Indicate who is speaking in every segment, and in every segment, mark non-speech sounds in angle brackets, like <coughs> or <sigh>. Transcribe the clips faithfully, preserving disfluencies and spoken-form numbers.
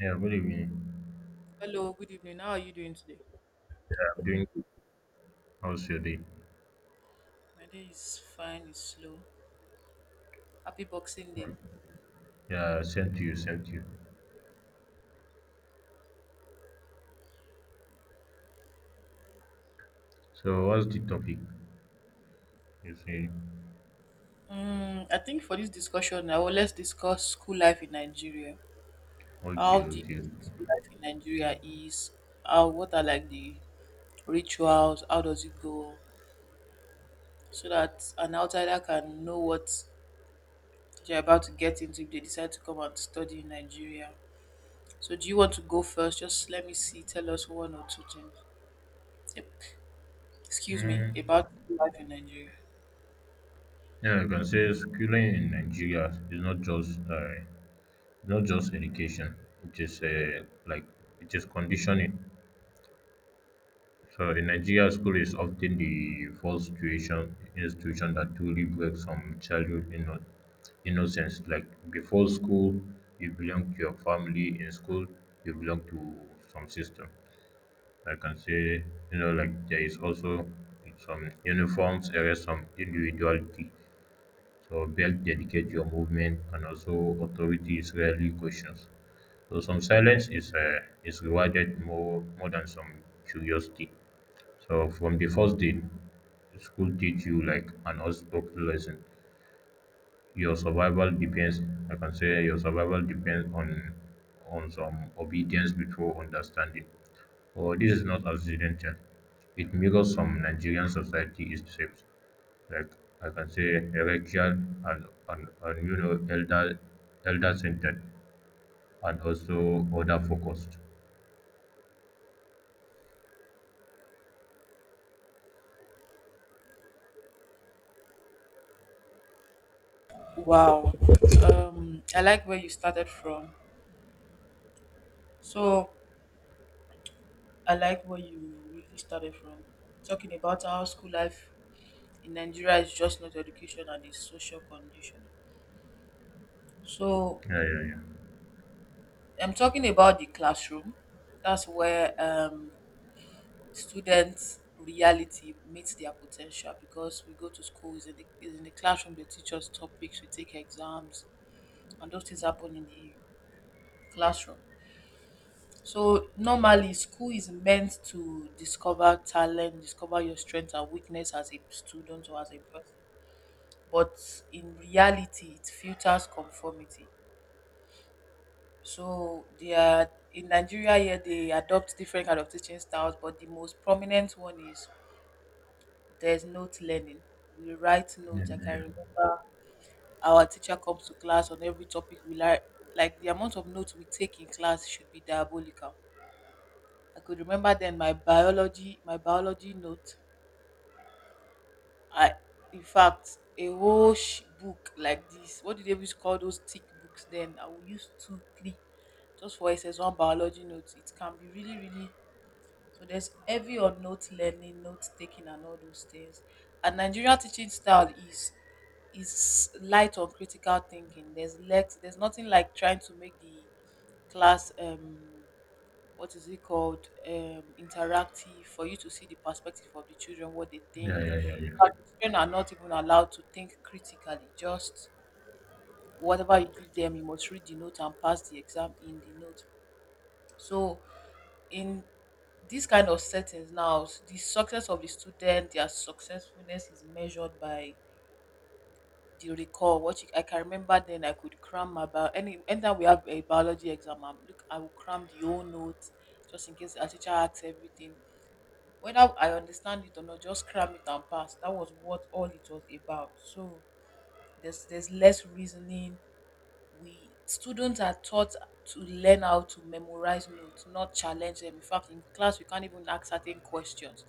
Speaker 1: Yeah, good evening.
Speaker 2: Hello, good evening. How are you doing today?
Speaker 1: Yeah, I'm doing good. How's your day?
Speaker 2: My day is fine, it's slow. Happy Boxing Day.
Speaker 1: Alright. Yeah, same to you, same to you. So, what's the topic? You say.
Speaker 2: Mm, I think for this discussion now, well, let's discuss school life in Nigeria.
Speaker 1: Okay,
Speaker 2: How the
Speaker 1: okay.
Speaker 2: school life in Nigeria is, how, what are like the rituals, how does it go, so that an outsider can know what they're about to get into if they decide to come and study in Nigeria. So, do you want to go first? Just let me see, tell us one or two things. Yep. Excuse me,
Speaker 1: Hmm.
Speaker 2: about school life in Nigeria.
Speaker 1: Yeah, I can say schooling in Nigeria is not just uh, not just education. It is uh, like it is conditioning. So in Nigeria, school is often the first tuition institution that truly breaks some childhood inno- innocence. Like before school, you belong to your family. In school, you belong to some system. I can say, you know, like there is also some uniforms, there is some individuality. So belt dedicate your movement, and also authority is rarely questioned. So some silence is uh, is rewarded more more than some curiosity. So from the first day, school teach you like an unspoken lesson. Your survival depends, I can say your survival depends on on some obedience before understanding. Or this is not accidental. It mirrors some Nigerian society is shaped. Like I can say hierarchical and, and, and you know elder elder centered and also other focused.
Speaker 2: Wow. Um, I like where you started from. So I like where you really started from. Talking about how school life in Nigeria is just not education and it's social condition. So
Speaker 1: Yeah, yeah, yeah.
Speaker 2: I'm talking about the classroom. That's where um, students' reality meets their potential because we go to school, is in the, it's in the classroom, they teach us topics, we take exams, and those things happen in the classroom. So normally school is meant to discover talent, discover your strengths and weakness as a student or as a person. But in reality it filters conformity. So they are in Nigeria here they adopt different kind of teaching styles, but the most prominent one is there's note learning. We write
Speaker 1: Yeah,
Speaker 2: notes. I
Speaker 1: yeah,
Speaker 2: can
Speaker 1: yeah,
Speaker 2: remember our teacher comes to class on every topic we like like the amount of notes we take in class should be diabolical. I could remember then my biology my biology note I, in fact, a whole sh- book like this. What do they used to call those thick books? Then I will use two, three, just for S S one biology notes. It can be really, really. So there's heavy on note learning, note taking, and all those things. And Nigerian teaching style is is light on critical thinking. There's lex. There's nothing like trying to make the class um what is it called um interactive for you to see the perspective of the children what they
Speaker 1: yeah,
Speaker 2: think,
Speaker 1: yeah. Yeah. Yeah.
Speaker 2: but the children are not even allowed to think critically, just whatever you give them you must read the note and pass the exam in the note. So in this kind of settings now s- the success of the student their successfulness is measured by the recall what you, I can remember then I could cram my bio any anytime we have a biology exam I'm, look I will cram the whole notes just in case our teacher asks everything, whether I understand it or not, just cram it and pass. That was what all it was about. So there's there's less reasoning. We students are taught to learn how to memorize notes, not challenge them. In fact, in class we can't even ask certain questions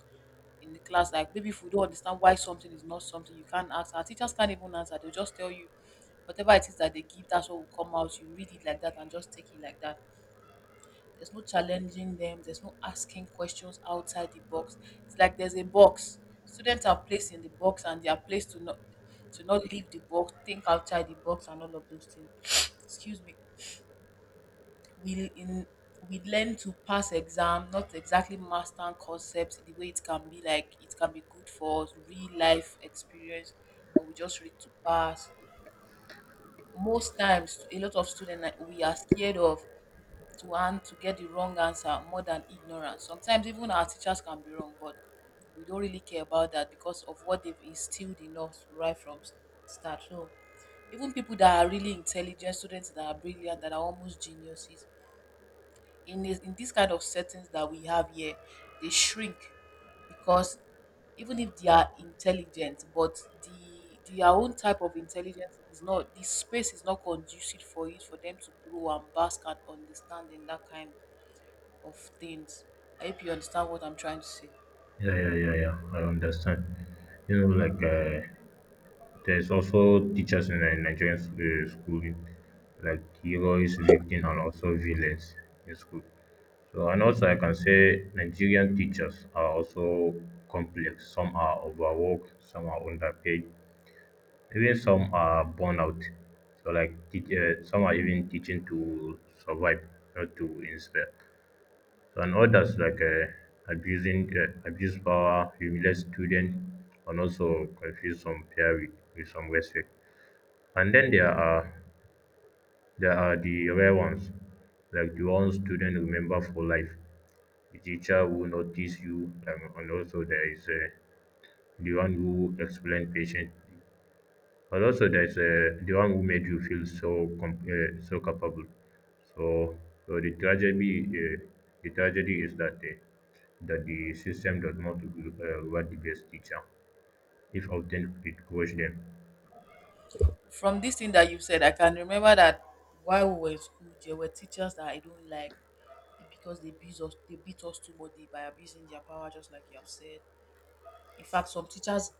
Speaker 2: in the class. Like maybe if we don't understand why something is not something, you can't ask. Our teachers can't even answer. They'll just tell you whatever it is that they give, that's what will come out. You read it like that and just take it like that. There's no challenging them. There's no asking questions outside the box. It's like there's a box. Students are placed in the box and they are placed to not to not leave the box, think outside the box, and all of those things. <sniffs> Excuse me. We in we learn to pass exam, not exactly master concepts the way it can be like it can be good for us, real life experience, but we just read to pass. Most times, a lot of students like, we are scared of to hand to get the wrong answer more than ignorance. Sometimes even our teachers can be wrong, but we don't really care about that because of what they've instilled in us right from s- start. So even people that are really intelligent, students that are brilliant, that are almost geniuses, in this, in this kind of settings that we have here, they shrink because even if they are intelligent, but the their own type of intelligence is not the space is not conducive for it for them to grow and bask and understand in that kind of things. I hope you understand what I'm trying to say.
Speaker 1: Yeah, yeah, yeah, yeah. I understand. You know, like uh, there's also teachers in uh, Nigerian s- uh, schooling, like heroes, victims, and also villains in school. So, and also I can say Nigerian teachers are also complex. Some are overworked, some are underpaid, even some are burnt out. So, like, teach, uh, some are even teaching to survive, not to inspire. So, and others like uh, abusing uh, abuse power, humiliate students, and also confuse some peer with, with some respect. And then there are there are the rare ones, like the ones students remember for life. The teacher who notice you, um, and also there is uh, the one who explain patient. And also, there's uh, the one who made you feel so com- uh, so capable. So, so the tragedy, uh, the tragedy is that uh, that the system does not uh, reward the best teacher, if often it coach them.
Speaker 2: From this thing that you've said, I can remember that while we were in school, there were teachers that I don't like because they beat us, they beat us too much by abusing their power, just like you have said. In fact, some teachers,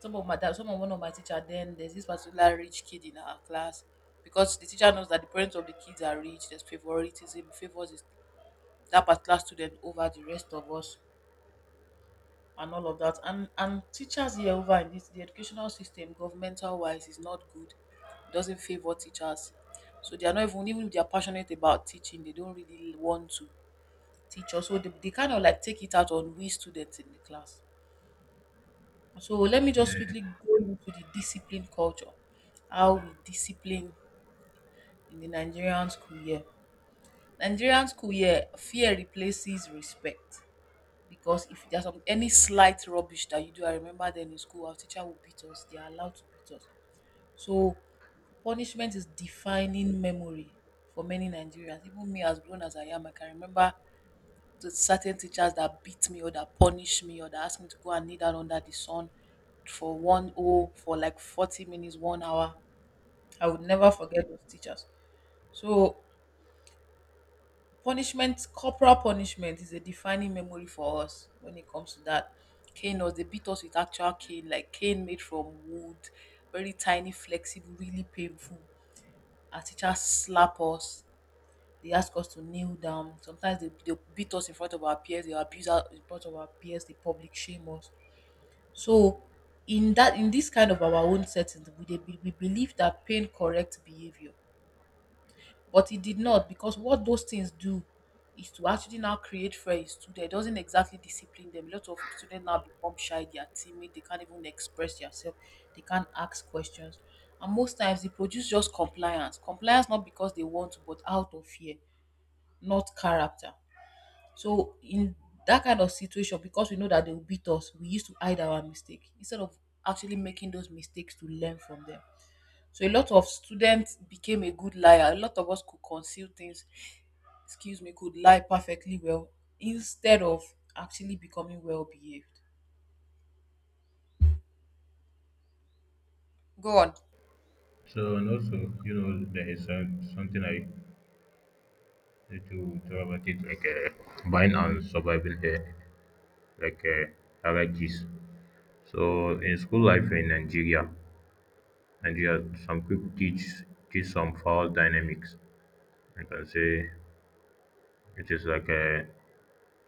Speaker 2: some of my that some of one of my teacher, then there's this particular rich kid in our class because the teacher knows that the parents of the kids are rich. There's favoritism, favors his, that particular student over the rest of us. And all of that. And and teachers here over in this the educational system, governmental wise, is not good. It doesn't favor teachers. So they are not even, even if they are passionate about teaching, they don't really want to teach us. So they, they kind of like take it out on we students in the class. So let me just quickly go into the discipline culture. How we discipline in the Nigerian school year. Nigerian school year, fear replaces respect. Because if there's some any slight rubbish that you do, I remember then in school our teacher would beat us. They are allowed to beat us. So punishment is defining memory for many Nigerians. Even me, as grown as I am, I can remember the certain teachers that beat me or that punish me or that asked me to go and kneel down under the sun for one oh for like forty minutes, one hour. I would never forget those teachers. So punishment, corporal punishment is a defining memory for us when it comes to that. Cane was They beat us with actual cane, like cane made from wood, very tiny, flexible, really painful. Our teachers slap us. They ask us to kneel down. Sometimes they, they beat us in front of our peers. They abuse us in front of our peers. They public shame us. So in that in this kind of our own settings, we, they we believe that pain corrects behavior, but it did not, because what those things do is to actually now create fear in student. It doesn't exactly discipline them. A lot of students now become shy, they are timid, they can't even express themselves, they can't ask questions. And most times it produce just compliance. Compliance not because they want to, but out of fear, not character. So in that kind of situation, because we know that they will beat us, we used to hide our mistake instead of actually making those mistakes to learn from them. So a lot of students became a good liar. A lot of us could conceal things, excuse me, could lie perfectly well instead of actually becoming well behaved. Go on.
Speaker 1: So, and also, you know, there is uh, something I need to talk about it, like uh, buying and surviving, uh, like uh, hierarchies. So, in school life in Nigeria, Nigeria, some people teach teach some foul dynamics. I can say it is like uh,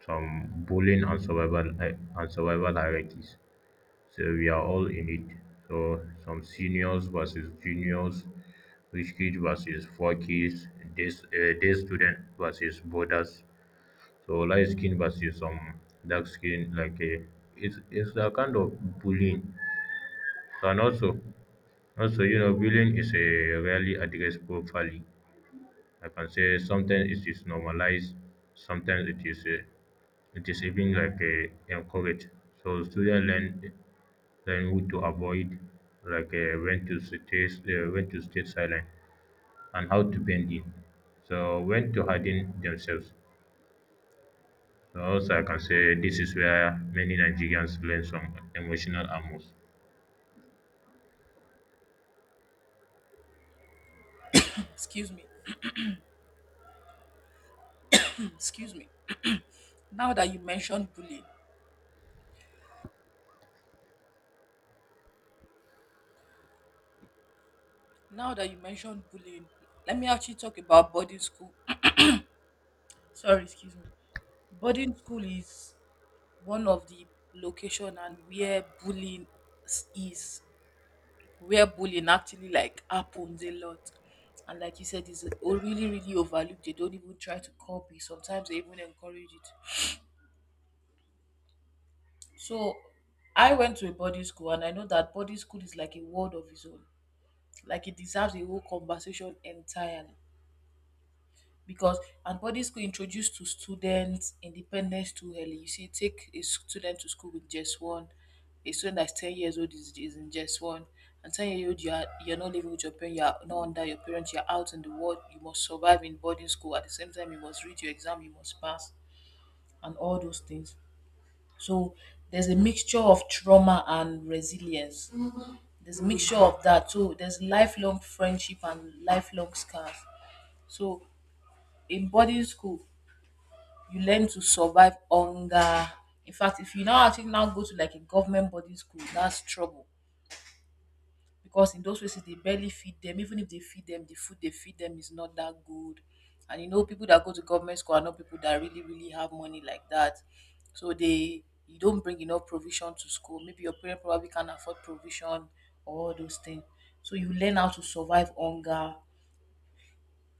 Speaker 1: some bullying and survival hi- and survival hierarchies. So we are all in it. So some seniors versus juniors, rich kids versus poor kids, day, uh, day student versus borders. So light skin versus some dark skin. Like uh, it's it's a kind of bullying. And also also you know bullying is a rarely addressed properly. I can say sometimes it is normalized, sometimes it is uh, it is even like uh, encouraged. So students learn learn who to avoid, like uh, when to stay uh, when to stay silent and how to bend in. So when to harden themselves. So also I can say this is where many Nigerians learn some emotional amours.
Speaker 2: Excuse me. <clears throat> Excuse me. Now that you mentioned bullying, Now that you mentioned bullying, let me actually talk about boarding school. <coughs> <clears throat> Sorry, excuse me. Boarding school is one of the location and where bullying s- is, where bullying actually like happens a lot. And like you said, it's o- really, really overlooked. They don't even try to copy. Sometimes they even encourage it. So I went to a boarding school and I know that boarding school is like a world of its own. Like it deserves a whole conversation entirely. Because and boarding school introduced to students independence too early. You see, take a student to school with just one. A student that's ten years old is, is in just one. And ten year old you are, you're not living with your parents, you're not under your parents, you're out in the world, you must survive in boarding school. At the same time, you must read your exam, you must pass and all those things. So there's a mixture of trauma and resilience. There's a mixture of that. So there's lifelong friendship and lifelong scars. So in boarding school, you learn to survive hunger. In fact, if you now actually now go to like a government boarding school, that's trouble because in those places they barely feed them. Even if they feed them, the food they feed them is not that good. And you know, people that go to government school are not people that really, really have money like that. So they you don't bring enough provision to school. Maybe your parent probably can't afford provision or all those things. So you learn how to survive hunger.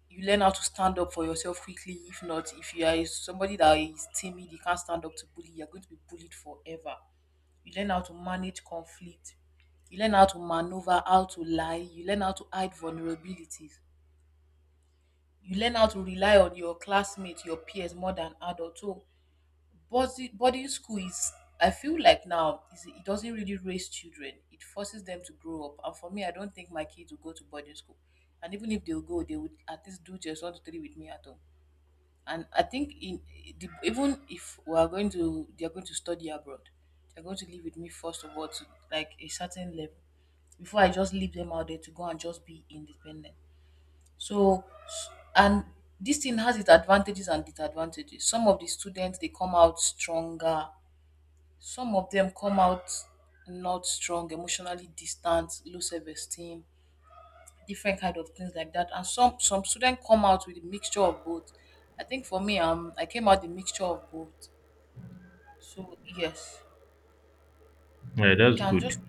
Speaker 2: You learn how to stand up for yourself quickly. If not, if you are somebody that is timid, you can't stand up to bully, you're going to be bullied forever. You learn how to manage conflict. You learn how to maneuver, how to lie. You learn how to hide vulnerabilities. You learn how to rely on your classmates, your peers more than adults. So, boarding, boarding school is, I feel like now, is, it doesn't really raise children. It forces them to grow up. And for me, I don't think my kids will go to boarding school. And even if they'll go, they would at least do just one to three with me at home, and I think in the, even if we are going to they are going to study abroad, they're going to live with me first of all to like a certain level before I just leave them out there to go and just be independent. So s- and this thing has its advantages and disadvantages. Some of the students they come out stronger, some of them come out not strong, emotionally distant, low self esteem, different kind of things like that. And some some students come out with a mixture of both. I think for me, um, I came out the mixture of both. So yes,
Speaker 1: Yeah,
Speaker 2: you
Speaker 1: that's
Speaker 2: can
Speaker 1: good.
Speaker 2: just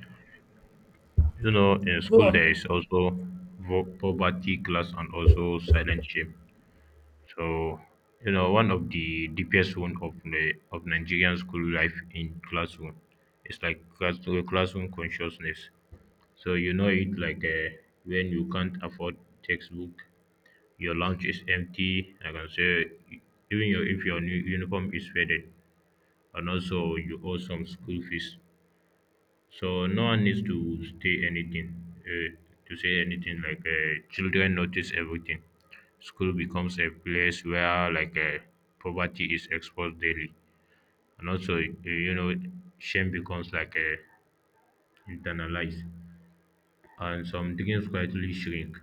Speaker 1: You know, in
Speaker 2: Go
Speaker 1: school
Speaker 2: on.
Speaker 1: there is also vo- poverty class and also silent shame. So, you know, one of the deepest wound of the of Nigerian school life in classroom is like class, classroom consciousness. So you know it, like uh, when you can't afford textbook, your lunch is empty. Like I can say, even your, if your new uniform is faded, and also you owe some school fees. So no one needs to stay anything uh, to say anything. Like uh, children notice everything. School becomes a place where, like uh, poverty is exposed daily, and also uh, you know shame becomes like uh, internalized, and some dreams quietly shrink.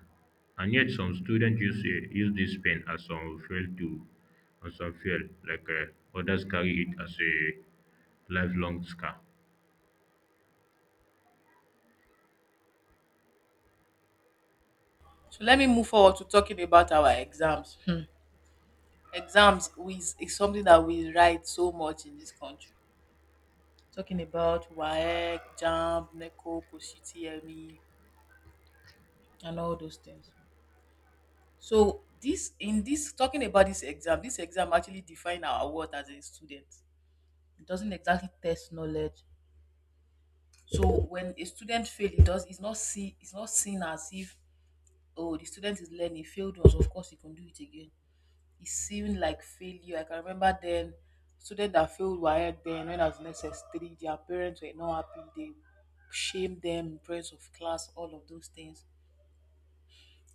Speaker 1: And yet, some students use uh, use this pain as some fail to, as some fail, like uh, others carry it as a lifelong scar.
Speaker 2: So let me move forward to talking about our exams. Hmm. Exams is, is something that we write so much in this country. Talking about WAEC, JAMB, NECO, POSHITI, and all those things. So this in this talking about this exam, this exam actually define our worth as a student. It doesn't exactly test knowledge. So when a student fail, it does it's not see it's not seen as if, oh, the student is learning, failed us, of course you can do it again. It seemed like failure. I can remember then students that failed were ahead then when I was in S S three, their parents were not happy, they shamed them in presence of class, all of those things.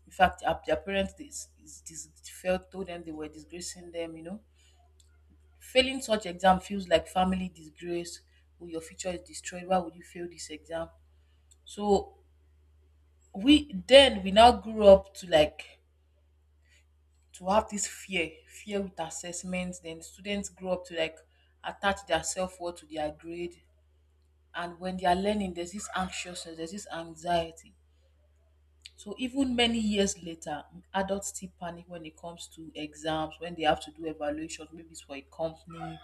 Speaker 2: In fact, their their parents dis, is, dis, felt told them they were disgracing them, you know. Failing such exam feels like family disgrace, or your future is destroyed. Why would you fail this exam? So we then we now grew up to like to have this fear fear with assessments, then students grow up to like attach their self-worth to their grade, and when they are learning there's this anxiousness, there's this anxiety. So even many years later, adults still panic when it comes to exams, when they have to do evaluations, maybe it's for a company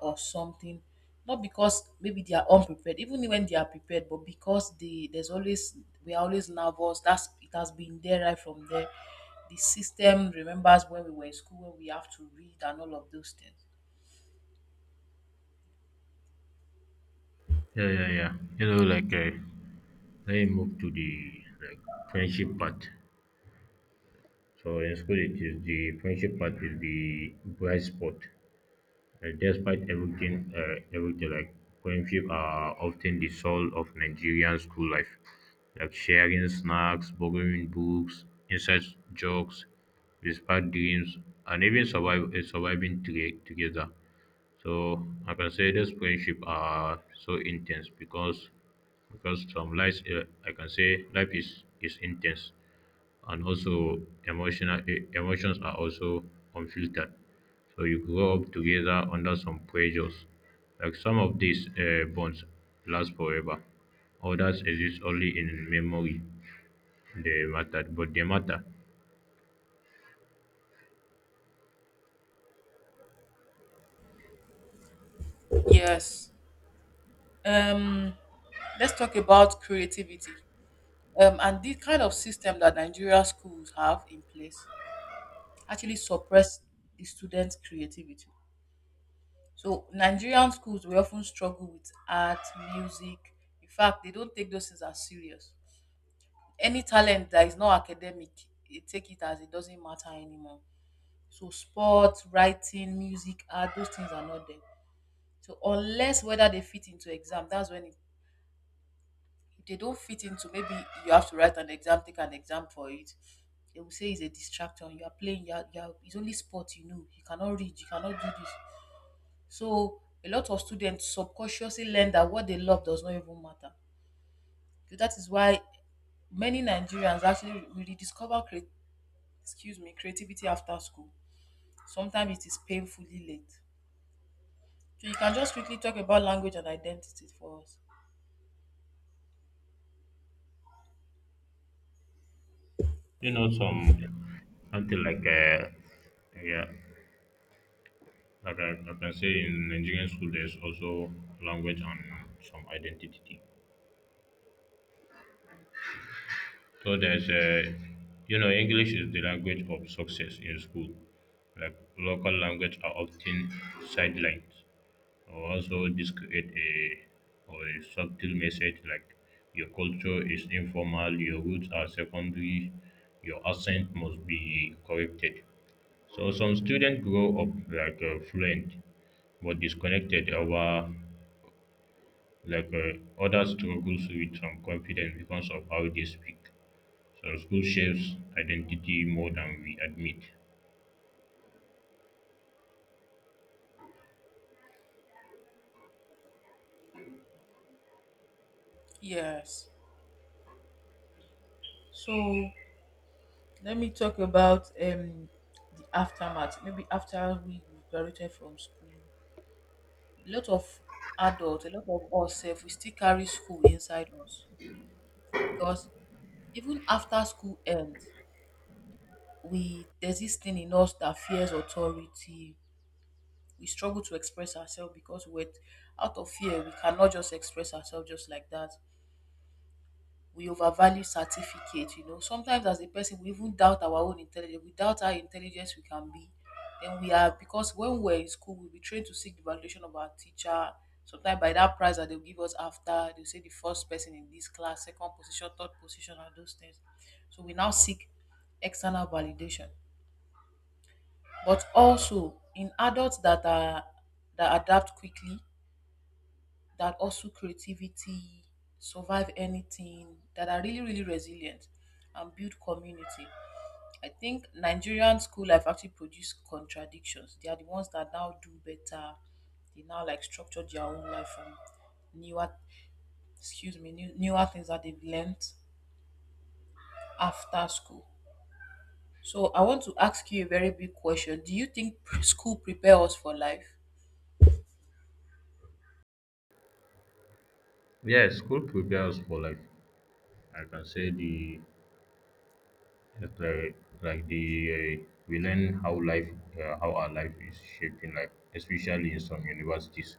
Speaker 2: or something, not because maybe they are unprepared even when they are prepared, but because they there's always, we are always nervous. That's it has been there right from there. The system remembers when we were in school, when we have to read and all of those things.
Speaker 1: Yeah, yeah, yeah. You know, like uh, let me move to the like friendship part. So in school it is the friendship part is the bright spot. Uh, despite everything, uh, everything, like going, are often the soul of Nigerian school life, like sharing snacks, borrowing books, inside jokes, despite dreams, and even survive, uh, surviving tre- together. So I can say this friendship are so intense, because because from life, uh, I can say life is is intense, and also emotional e- emotions are also unfiltered, so you grow up together under some pressures. Like some of these uh, bonds last forever, others exist only in memory. They matter, but they matter.
Speaker 2: Yes. Um, let's talk about creativity. Um, and the kind of system that Nigeria schools have in place actually suppress the students' creativity. So Nigerian schools we often struggle with art, music. In fact, they don't take those things as serious. Any talent that is not academic, they take it as it doesn't matter anymore. So sports, writing, music, art, those things are not there. So unless whether they fit into exam, that's when it, if they don't fit into maybe you have to write an exam, take an exam for it, they will say it's a distraction. You are playing. You are, you are, it's only sport. You know you cannot read. You cannot do this. So a lot of students subconsciously learn that what they love does not even matter. So that is why many Nigerians actually rediscover cre- excuse me, creativity after school. Sometimes it is painfully late. So you can just quickly talk about language and identity for us.
Speaker 1: You know, some something like uh, yeah like I, like I can say in nigerian school there's also language and some identity. So there's a, you know, English is the language of success in school. Like local language are often sidelined. Or also, this create a or a subtle message, like your culture is informal, your roots are secondary, your accent must be corrected. So some students grow up like uh, fluent but disconnected over, like uh, others struggles with some confidence because of how they speak. Some school shapes identity more than we admit.
Speaker 2: Yes. So let me talk about um the aftermath. Maybe after we graduated from school, a lot of adults, a lot of us, sef, we still carry school inside us because even after school ends, we there's this thing in us that fears authority. We struggle to express ourselves because we're out of fear. We cannot just express ourselves just like that. We overvalue certificate, you know. Sometimes as a person we even doubt our own intelligence, we doubt how intelligent we can be. Then we are because when we we're in school, we'll be trained to seek the validation of our teacher. Sometimes by that prize that they'll give us after, they'll say the first person in this class, second position, third position, and those things. So we now seek external validation. But also in adults that are that adapt quickly, that also creativity, survive anything, that are really, really resilient and build community. I think Nigerian school life actually produce contradictions. They are the ones that now do better. They now like structure their own life from newer, excuse me, new, newer things that they've learned after school. So I want to ask you a very big question. Do you think pre- school prepare us for life?
Speaker 1: Yeah, school prepares for life. I can say the it's like, like the uh, we learn how life uh, how our life is shaping life, especially in some universities.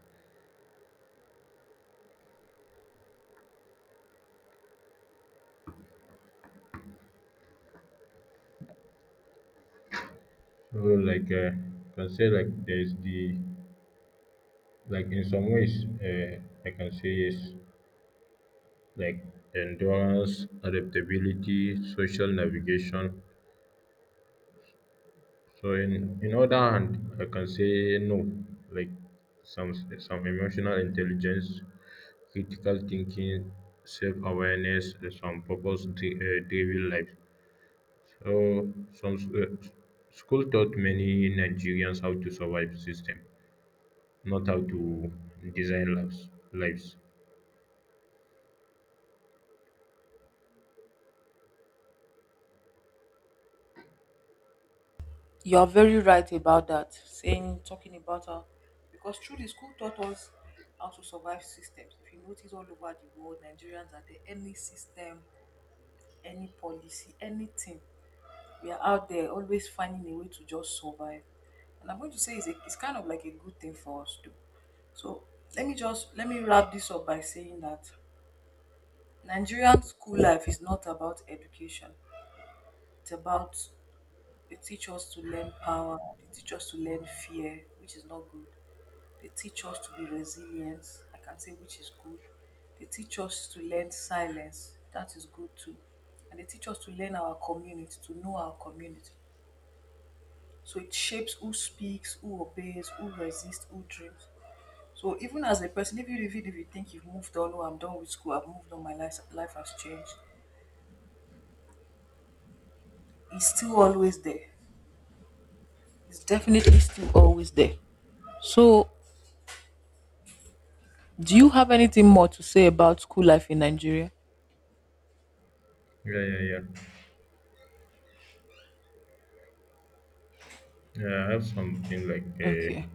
Speaker 1: So like uh, I can say, like, there's the, like, in some ways, uh, I can say yes, like endurance, adaptability, social navigation. So in in other hand, I can say no. Like some some emotional intelligence, critical thinking, self awareness, some purpose dri- uh, driven life. So some s- uh, s- school taught many Nigerians how to survive system, not how to design lives. Lives.
Speaker 2: You're very right about that, saying, talking about how, because truly school taught us how to survive systems. If you notice all over the world, Nigerians are there, any system, any policy, anything, we are out there always finding a way to just survive. And I'm going to say it's, a, it's kind of like a good thing for us too. So let me just, let me wrap this up by saying that Nigerian school life is not about education. It's about, they teach us to learn power, they teach us to learn fear, which is not good. They teach us to be resilient, I can say, which is good. They teach us to learn silence, that is good too. And they teach us to learn our community, to know our community. So it shapes who speaks, who obeys, who resists, who dreams. So even as a person, if you even if you think you've moved on, oh, I'm done with school, I've moved on, my life life has changed, it's still always there. It's definitely still always there. So do you have anything more to say about school life in Nigeria?
Speaker 1: Yeah, yeah, yeah. Yeah, I have something like uh,
Speaker 2: Okay.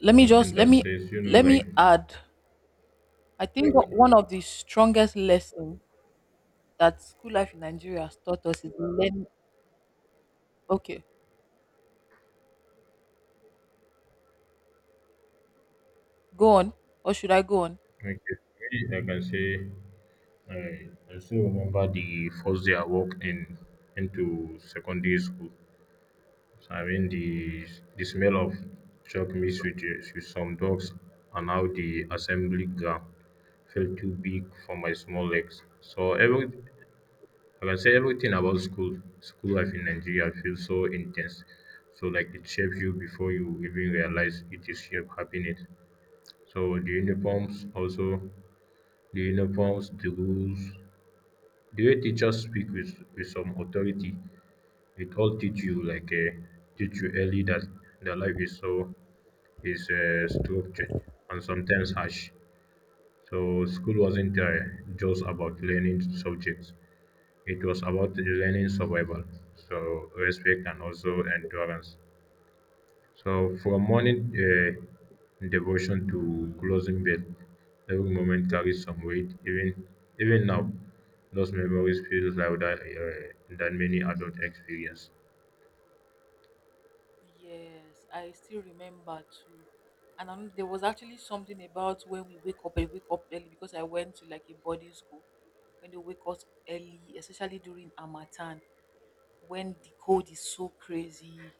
Speaker 2: Let me
Speaker 1: something
Speaker 2: just
Speaker 1: that
Speaker 2: let me
Speaker 1: says, you know,
Speaker 2: let me
Speaker 1: like
Speaker 2: add, I think o-
Speaker 1: okay,
Speaker 2: one of the strongest lessons that school life in Nigeria has taught us is learn. Okay, go on, or should I go on.
Speaker 1: okay. For me, I can say. I, I still remember the first day I walked in into secondary school. So, I mean, the the smell of chalk mixed with, the- with some dogs, and how the assembly ground felt too big for my small legs. So every I can say everything about school school life in Nigeria feels so intense. So like it shapes you before you even realize it is shape happening. So the uniforms also the uniforms, the rules, the way teachers speak with with some authority, it all teach you like uh, teach you early that the life is so is uh, structured and sometimes harsh. So school wasn't uh, just about learning subjects, it was about learning survival, so respect and also endurance. So from morning, uh, devotion to closing bell, every moment carries some weight. Even even now, those memories feel louder uh, than many adult experience.
Speaker 2: Yes, I still remember too, and um, there was actually something about when we wake up, I wake up early because I went to like a boarding school, when they wake us early, especially during harmattan, when the cold is so crazy,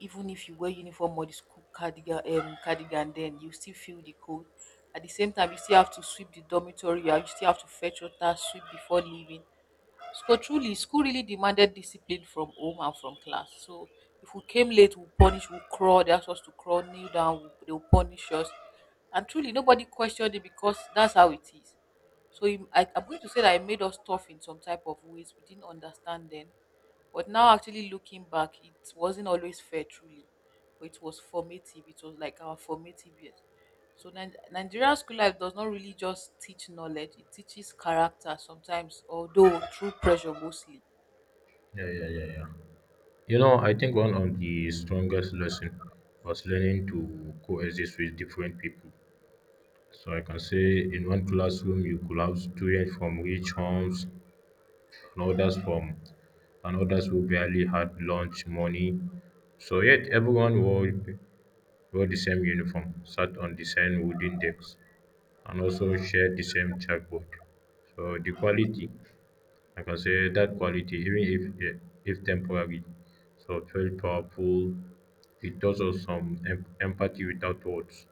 Speaker 2: even if you wear uniform or the school cardigan, um, cardigan, then you still feel the cold. At the same time you still have to sweep the dormitory, you you still have to fetch water, sweep before leaving. So truly, school really demanded discipline from home and from class. So if we came late, we'll punish, we'll crawl, they asked us to crawl, kneel down, we'll, they'll punish us. And truly, nobody questioned it because that's how it is. So it- I, I'm going to say that it made us tough in some type of ways we didn't understand then. But now, actually looking back, it wasn't always fair, truly. But it was formative. It was like our formative years. So Ni- Nigerian school life does not really just teach knowledge; it teaches character sometimes, although through pressure mostly.
Speaker 1: Yeah, yeah, yeah, yeah. You know, I think one of the strongest lesson was learning to coexist with different people. So I can say in one classroom you could have students from rich homes, and others from and others who barely had lunch money. So yet everyone wore, wore the same uniform, sat on the same wooden decks, and also shared the same chalkboard. So the quality, like I can say, that quality, even if yeah, if temporary, so it felt powerful. It does us some em- empathy without words.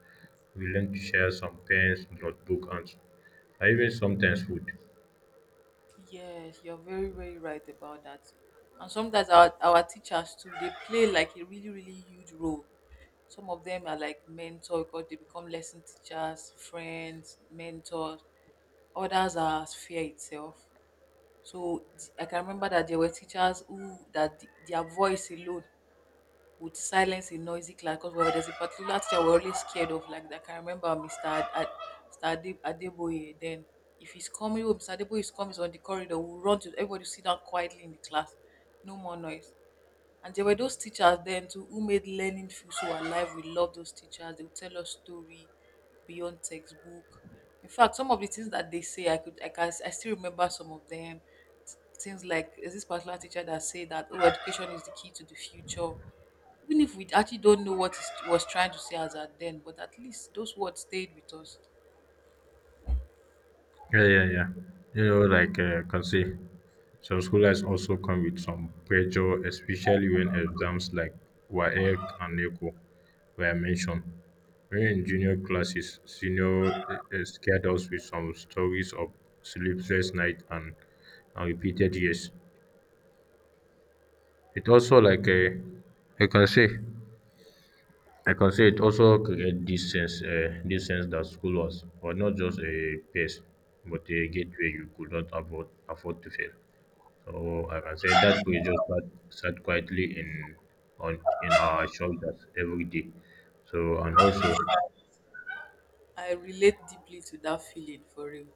Speaker 1: We learn to share some pens, notebook, and s- and even sometimes food.
Speaker 2: Yes, you're very very right about that. And sometimes our our teachers too, they play like a really really huge role. Some of them are like mentor because they become lesson teachers, friends, mentors. Others are sphere itself. So th- I can remember that there were teachers who that th- their voice alone would silence a noisy class because well, there's a particular teacher we're always scared of. Like I can remember mister Ad, Ad, mister Ade, Adeboye. Then if he's coming, oh, mister Adeboye is coming, he's on the corridor. We'll run to, everybody sit down quietly in the class. No more noise. And there were those teachers then too who made learning feel so alive. We love those teachers. They would tell us story beyond textbook. In fact, some of the things that they say, I could, I can, I still remember some of them. Th- Things like there's this particular teacher that said that, oh, education is the key to the future. Even if we actually don't know what it was trying to say as at then, but at least those words stayed with us.
Speaker 1: Yeah, yeah, yeah. You know, like uh, can see. Some scholarships also come with some pressure, especially when exams like WAEC and NECO were mentioned. When in junior classes, senior uh, uh, scared us with some stories of sleepless nights and, and repeated years. It also, like a, I can say, I can say it also create this sense, uh, this sense that school was, was not just a place, but a gateway you could not afford, afford to fail. So I can say that we just sat, sat quietly in on in our shoulders every day. So and also.
Speaker 2: I relate deeply to that feeling for real,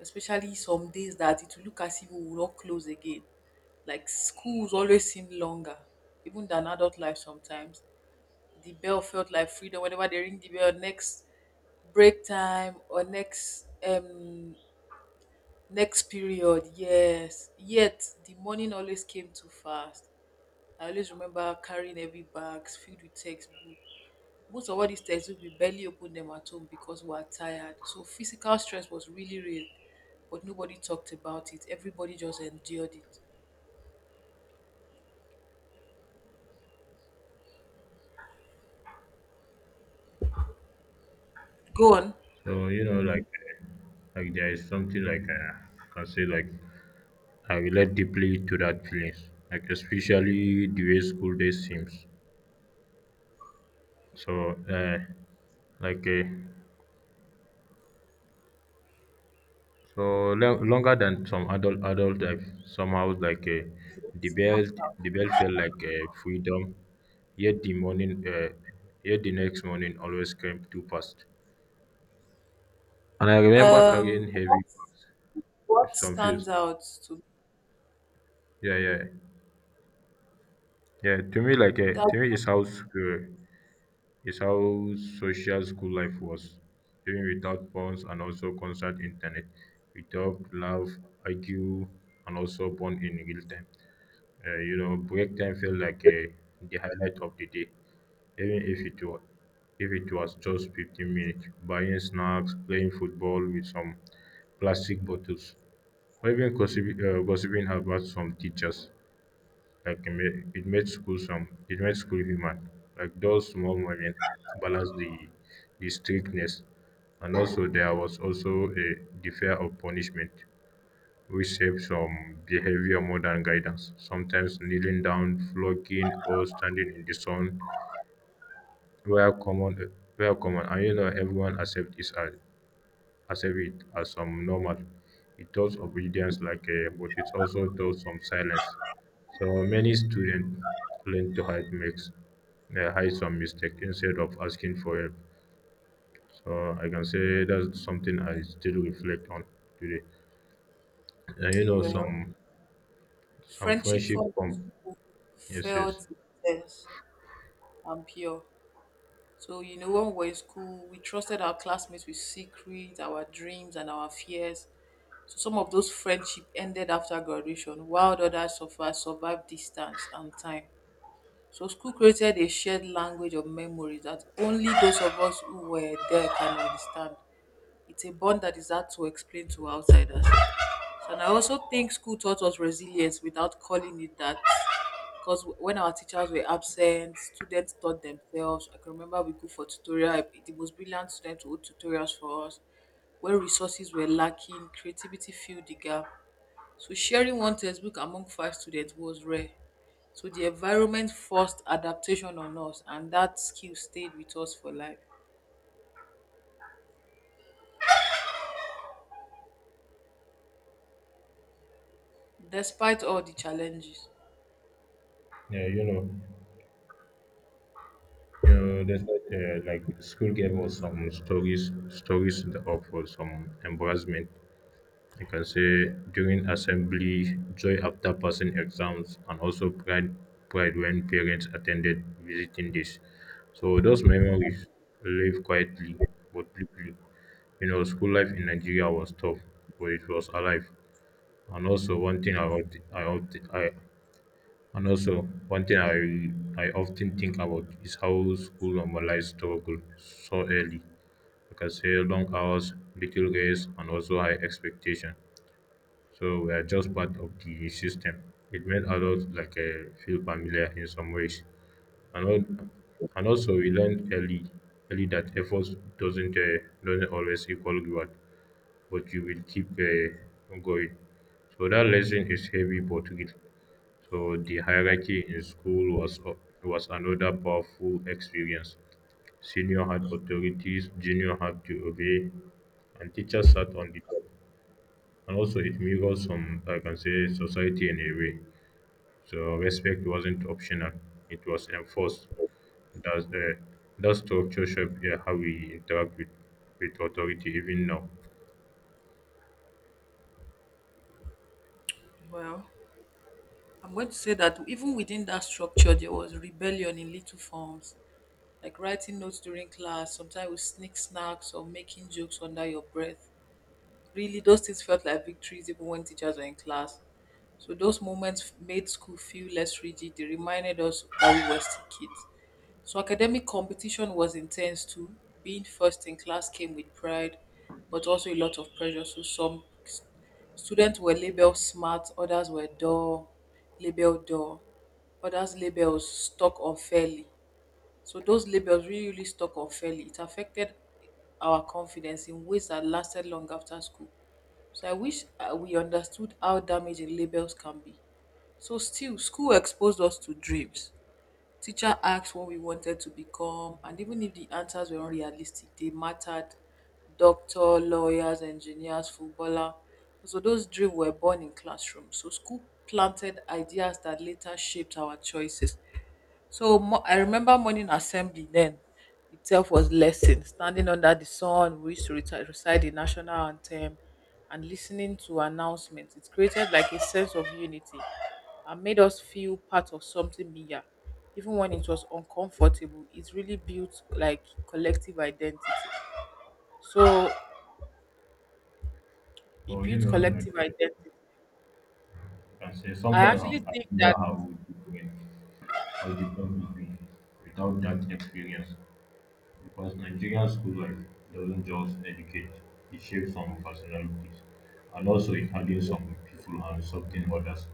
Speaker 2: especially some days that it will look as if we will not close again. Like schools always seem longer, even than adult life sometimes. The bell felt like freedom whenever they ring the bell next break time or next um next period. Yes, yet the morning always came too fast. I always remember carrying heavy bags filled with textbooks. Most of all these textbook, we barely opened them at home because we were tired. So physical stress was really real, but nobody talked about it. Everybody just endured it. Go on.
Speaker 1: So, you know, like uh, like there is something, like uh, I can say like I relate deeply to that feelings, like especially the way school days seems. So uh, like uh, So lo- longer than some adult adult life. Somehow, like uh, the bell the bell felt like uh, freedom, yet the morning uh, yet the next morning always came too fast. And I remember
Speaker 2: Um,
Speaker 1: carrying
Speaker 2: what,
Speaker 1: heavy bags with
Speaker 2: what
Speaker 1: some
Speaker 2: stands
Speaker 1: fears.
Speaker 2: out to me?
Speaker 1: Yeah, yeah. Yeah, to me like uh,
Speaker 2: That
Speaker 1: to me it's how school it's how social school life was. Even without phones and also constant internet, we talk, laugh, argue, and also bond in real time. Uh, you know, break time felt like uh, the highlight of the day, even if it was if it was just fifteen minutes. Buying snacks, playing football with some plastic bottles, or even gossiping, uh, gossiping about some teachers. Like it made, it made school some it made school human. Like those small moments balance the the strictness, and also there was also a the fear of punishment. We shapes some behavior more than guidance. Sometimes kneeling down, flogging, or standing in the sun were common, were common, and you know everyone accept it as accept it as some normal. It does obedience like a, but it also does some silence. So many students learn to hide makes uh, hide some mistake instead of asking for help. So I can say that's something I still reflect on today. And you know
Speaker 2: well,
Speaker 1: some some
Speaker 2: friendship
Speaker 1: friendship
Speaker 2: from
Speaker 1: come.
Speaker 2: school
Speaker 1: Yes, yes.
Speaker 2: felt intense and pure. So you know, when we were in school, we trusted our classmates with secrets, our dreams, and our fears. So some of those friendship ended after graduation, while others suffered, survived distance and time. So school created a shared language of memories that only those of us who were there can understand. It's a bond that is hard to explain to outsiders. So, and I also think school taught us resilience without calling it that. Because when our teachers were absent, students taught themselves. I can remember we go for tutorial. The most brilliant students would hold tutorials for us. When resources were lacking, creativity filled the gap. So sharing one textbook among five students was rare, so the environment forced adaptation on us, and that skill stayed with us for life, despite all the challenges.
Speaker 1: Yeah, you know, you know, there's like, uh, like school gave us some stories, stories in the for some embarrassment. You can say during assembly, joy after passing exams, and also pride, pride when parents attended visiting days. So those memories live quietly but deeply. You know, school life in Nigeria was tough, but it was alive. And also, one thing I often, I often, I and also, one thing I, I often think about is how school normalized struggle so early. Like I say, long hours, little rest, and also high expectation. So we are just part of the system. It made adults like uh, feel familiar in some ways. And, al- and also we learned early early that effort doesn't uh, doesn't always equal reward, but you will keep uh, going. So that lesson is heavy but real. So the hierarchy in school was was another powerful experience. Senior had authorities, junior had to obey, and teachers sat on the top. And also, it mirrors some, I can say, society in a way. So respect wasn't optional; it was enforced. That's the that structure shaped, yeah, how we interact with with authority even now.
Speaker 2: Well, I'm going to say that even within that structure, there was rebellion in little forms, like writing notes during class, sometimes we sneak snacks or making jokes under your breath. Really, those things felt like victories even when teachers were in class. So those moments made school feel less rigid. They reminded us that we were still kids. So academic competition was intense too. Being first in class came with pride, but also a lot of pressure. So some s- students were labeled smart, others were dull, labeled dull, others labeled stuck unfairly. So those labels really, really stuck unfairly. It affected our confidence in ways that lasted long after school. So I wish uh, we understood how damaging labels can be. So still, school exposed us to dreams. Teacher asked what we wanted to become, and even if the answers were unrealistic, they mattered. Doctor, lawyers, engineers, footballer. So those dreams were born in classrooms. So school planted ideas that later shaped our choices. So mo- I remember morning assembly then itself was lesson. Standing under the sun, we used to reti- recite the national anthem and listening to announcements. It created like a sense of unity and made us feel part of something bigger. Even when it was uncomfortable, it really built like collective identity. So it
Speaker 1: Well, you
Speaker 2: built
Speaker 1: know, like
Speaker 2: collective
Speaker 1: uh,
Speaker 2: identity.
Speaker 1: I can say
Speaker 2: I
Speaker 1: sometimes I
Speaker 2: actually
Speaker 1: I
Speaker 2: think
Speaker 1: wonder
Speaker 2: that
Speaker 1: how we do it. Of the world would be without that experience, because Nigerian school life doesn't just educate, it shapes some personalities, and also it hardens some people and softens others.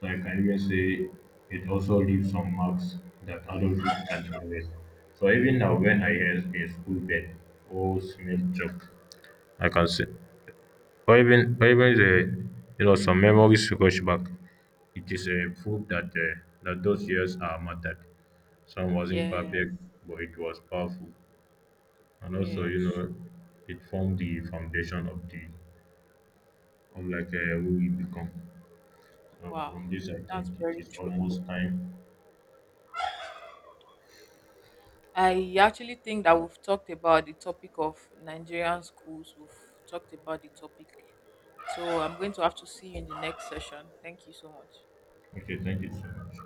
Speaker 1: So I can even say it also leaves some marks that adulthood can't erase. So even now, when I hear a school bell or smell joke, I can say or even or even the you know some memories rush back. It is a proof that uh, that those years are mattered. Some wasn't
Speaker 2: yes,
Speaker 1: perfect, but it was powerful, and also you
Speaker 2: yes.
Speaker 1: know it formed the foundation of the of like uh, who we become. So
Speaker 2: Wow.
Speaker 1: from this, I
Speaker 2: That's
Speaker 1: think it
Speaker 2: very
Speaker 1: is
Speaker 2: true.
Speaker 1: almost time.
Speaker 2: I actually think that we've talked about the topic of Nigerian schools. We've talked about the topic. So I'm going to have to see you in the next session. Thank you so much.
Speaker 1: Okay, thank you so much.